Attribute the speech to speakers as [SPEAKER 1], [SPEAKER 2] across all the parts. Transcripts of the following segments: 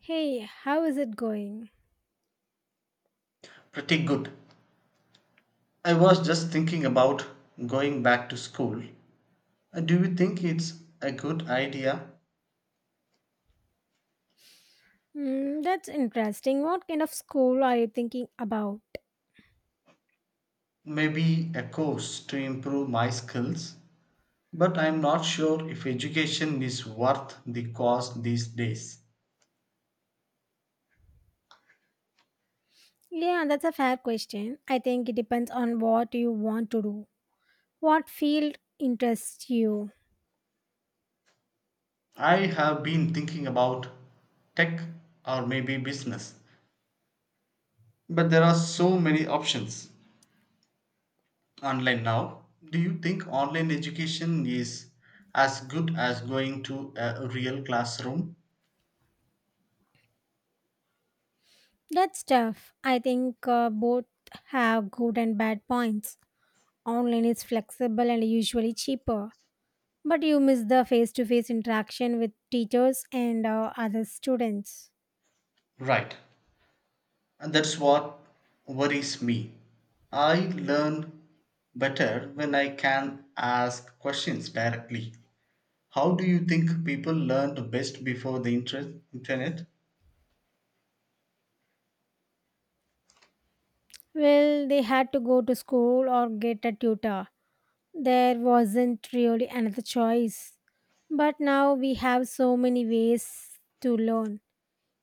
[SPEAKER 1] Hey, how is it going?
[SPEAKER 2] Pretty good. I was just thinking about going back to school. Do you think it's a good idea?
[SPEAKER 1] Hmm, that's interesting. What kind of school are you thinking about?
[SPEAKER 2] Maybe a course to improve my skills, but I'm not sure if education is worth the cost these days.
[SPEAKER 1] Yeah, that's a fair question. I think it depends on what you want to do. What field interests you?
[SPEAKER 2] I have been thinking about tech or maybe business, but there are so many options online now. Do you think online education is as good as going to a real classroom?
[SPEAKER 1] That's tough. I think both have good and bad points. Online is flexible and usually cheaper, but you miss the face to face interaction with teachers and other students.
[SPEAKER 2] Right. And that's what worries me. I learn better when I can ask questions directly. How do you think people learned best before the internet?
[SPEAKER 1] Well, they had to go to school or get a tutor. There wasn't really another choice. But now we have so many ways to learn.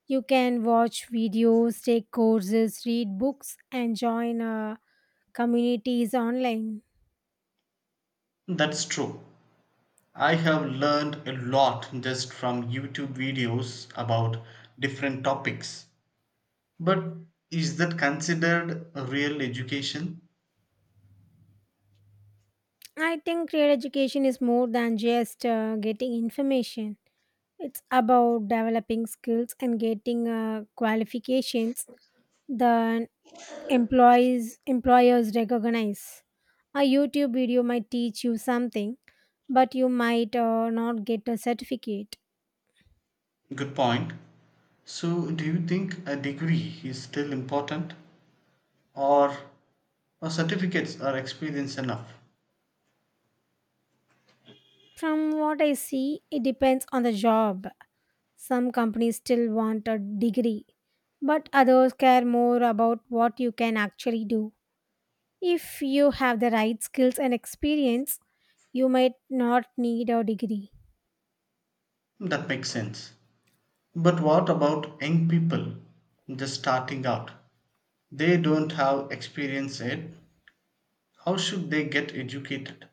[SPEAKER 1] You can watch videos, take courses, read books, and join communities online.
[SPEAKER 2] That's true. I have learned a lot just from YouTube videos about different topics. But is that considered a real education?
[SPEAKER 1] I think real education is more than just getting information. It's about developing skills and getting qualifications than employees employers recognize. A YouTube video might teach you something, but you might not get a certificate.
[SPEAKER 2] Good point. So, do you think a degree is still important? Or, "Oh, certificates are experience enough."
[SPEAKER 1] From what I see, it depends on the job. Some companies still want a degree, but others care more about what you can actually do. If you have the right skills and experience, you might not need a degree.
[SPEAKER 2] That makes sense. But what about young people just starting out? They don't have experience yet. How should they get educated?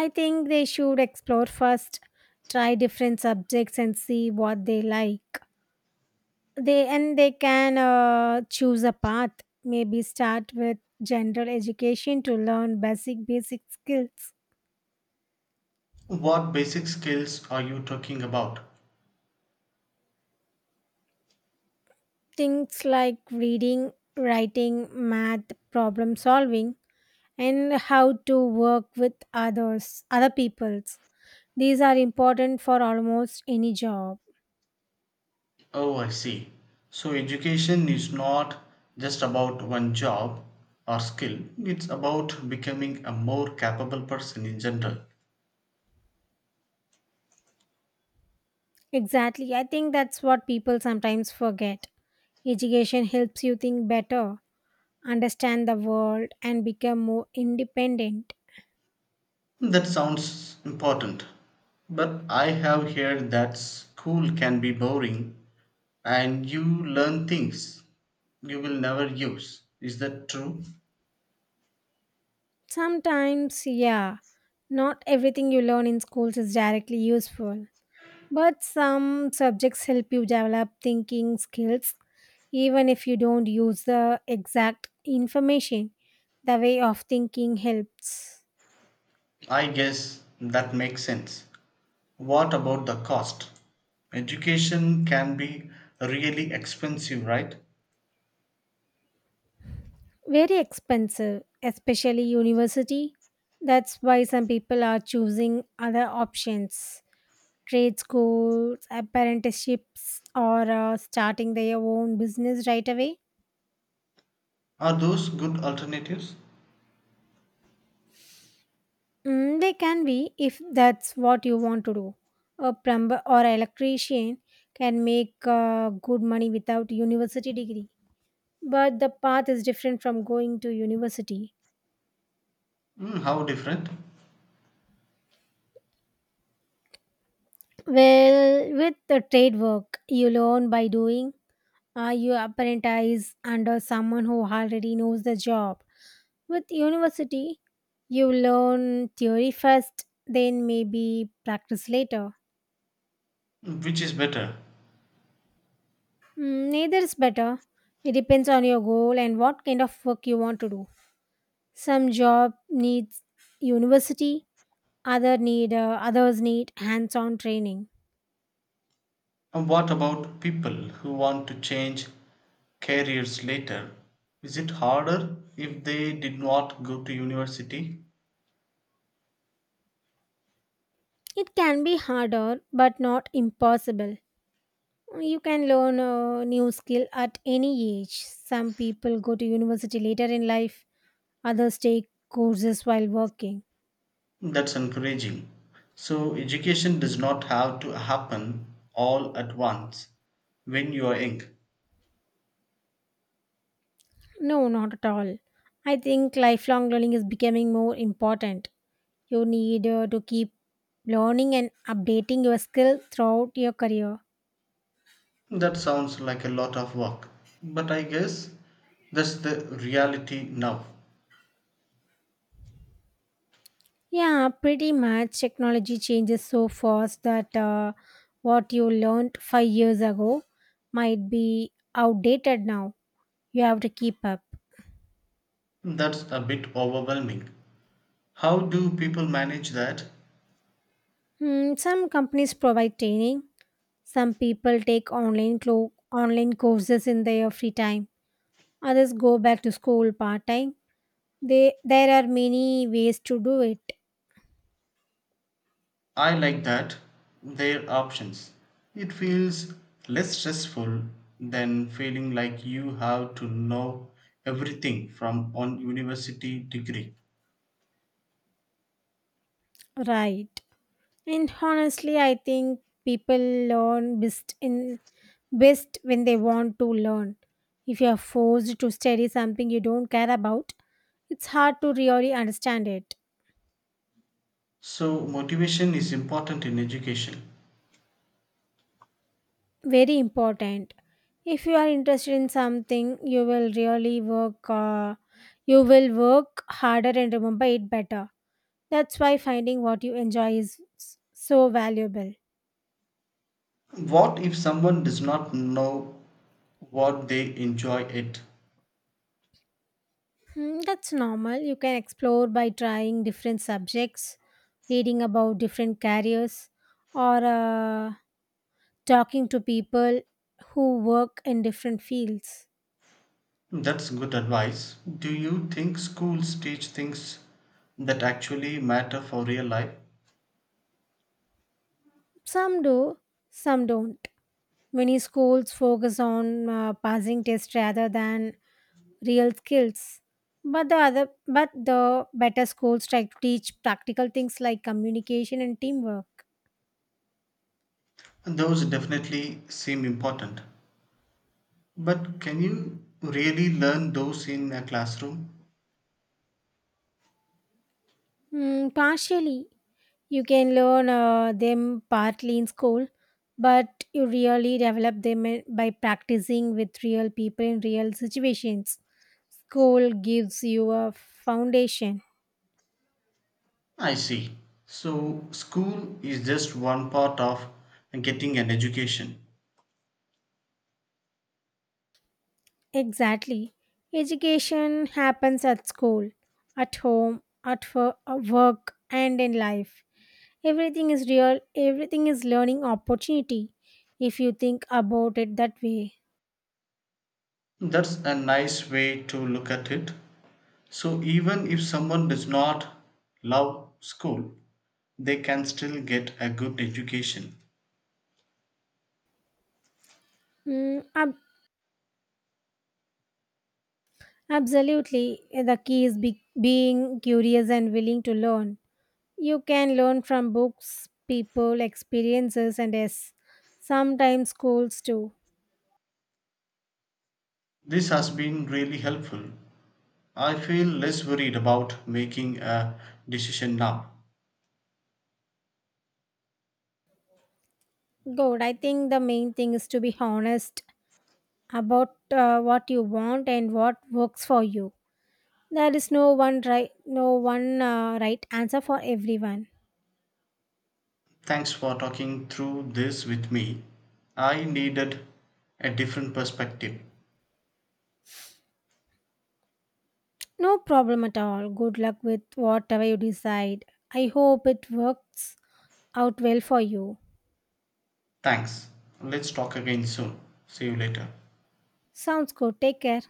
[SPEAKER 1] I think they should explore first, try different subjects and see what they like. They can choose a path. Maybe start with general education to learn basic skills.
[SPEAKER 2] What basic skills are you talking about?
[SPEAKER 1] Things like reading, writing, math, problem solving, and how to work with other peoples. These are important for almost any job.
[SPEAKER 2] Oh, I see. So, education is not just about one job or skill, it's about becoming a more capable person in general.
[SPEAKER 1] Exactly. I think that's what people sometimes forget. Education helps you think better, understand the world, and become more independent.
[SPEAKER 2] That sounds important, but I have heard that school can be boring and you learn things you will never use. Is that true?
[SPEAKER 1] Sometimes, yeah, not everything you learn in schools is directly useful, but some subjects help you develop thinking skills even if you don't use the exact information. The way of thinking helps.
[SPEAKER 2] I guess that makes sense. What about the cost? Education can be really expensive, right?
[SPEAKER 1] Very expensive, especially university. That's why some people are choosing other options, trade schools, apprenticeships, or starting their own business right away.
[SPEAKER 2] Are those good alternatives?
[SPEAKER 1] Mm, they can be if that's what you want to do. A plumber or electrician can make good money without university degree, but the path is different from going to university.
[SPEAKER 2] Hmm, how different?
[SPEAKER 1] Well, with the trade work, you learn by doing. You apprentice under someone who already knows the job. With university, you learn theory first, then maybe practice later.
[SPEAKER 2] Which is better?
[SPEAKER 1] Mm, neither is better. It depends on your goal and what kind of work you want to do. Some job needs university, others need hands-on training.
[SPEAKER 2] And what about people who want to change careers later? Is it harder if they did not go to university?
[SPEAKER 1] It can be harder but not impossible. You can learn a new skill at any age. Some people go to university later in life, others take courses while working.
[SPEAKER 2] That's encouraging. So, education does not have to happen all at once when you are young.
[SPEAKER 1] No, not at all. I think lifelong learning is becoming more important. You need to keep learning and updating your skill throughout your career.
[SPEAKER 2] That sounds like a lot of work, but I guess that's the reality now.
[SPEAKER 1] Yeah, pretty much. Technology changes so fast that what you learned 5 years ago might be outdated now. You have to keep up.
[SPEAKER 2] That's a bit overwhelming. How do people manage that?
[SPEAKER 1] Hmm, some companies provide training. Some people take online courses in their free time. Others go back to school part time. There are many ways to do it
[SPEAKER 2] I like that. Their options. It feels less stressful than feeling like you have to know everything from one university degree.
[SPEAKER 1] right. And honestly, I think people learn best when they want to learn. If you are forced to study something you don't care about, it's hard to really understand it.
[SPEAKER 2] So, motivation is important in education.
[SPEAKER 1] Very important. If you are interested in something, you will really work. You will work harder and remember it better. That's why finding what you enjoy so valuable.
[SPEAKER 2] What if someone does not know what they enjoy it?
[SPEAKER 1] Mm, that's normal. You can explore by trying different subjects, reading about different careers, or talking to people who work in different fields.
[SPEAKER 2] That's good advice. Do you think schools teach things that actually matter for real life?
[SPEAKER 1] Some do, some don't. Many schools focus on passing tests rather than real skills. But the better schools try to teach practical things like communication and teamwork.
[SPEAKER 2] Those definitely seem important. But can you really learn those in a classroom?
[SPEAKER 1] Mm, partially, you can learn them partly in school, but you really develop by practicing with real people in real situations. School gives you a foundation.
[SPEAKER 2] I see. So, school is just one part of getting an education.
[SPEAKER 1] Exactly. Education happens at school, at home, at work, and in life. Everything is real, everything is learning opportunity if you think about it that way.
[SPEAKER 2] That's a nice way to look at it. So, even if someone does not love school, they can still get a good education.
[SPEAKER 1] Mm, ab- Absolutely. The key is being curious and willing to learn. You can learn from books, people, experiences, and yes, sometimes schools too.
[SPEAKER 2] This has been really helpful. I feel less worried about making a decision now.
[SPEAKER 1] Good. I think the main thing is to be honest about what you want and what works for you. There is no one right answer for everyone.
[SPEAKER 2] Thanks for talking through this with me. I needed a different perspective.
[SPEAKER 1] No problem at all. Good luck with whatever you decide. I hope it works out well for you.
[SPEAKER 2] Thanks. Let's talk again soon. See you later.
[SPEAKER 1] Sounds good. Take care.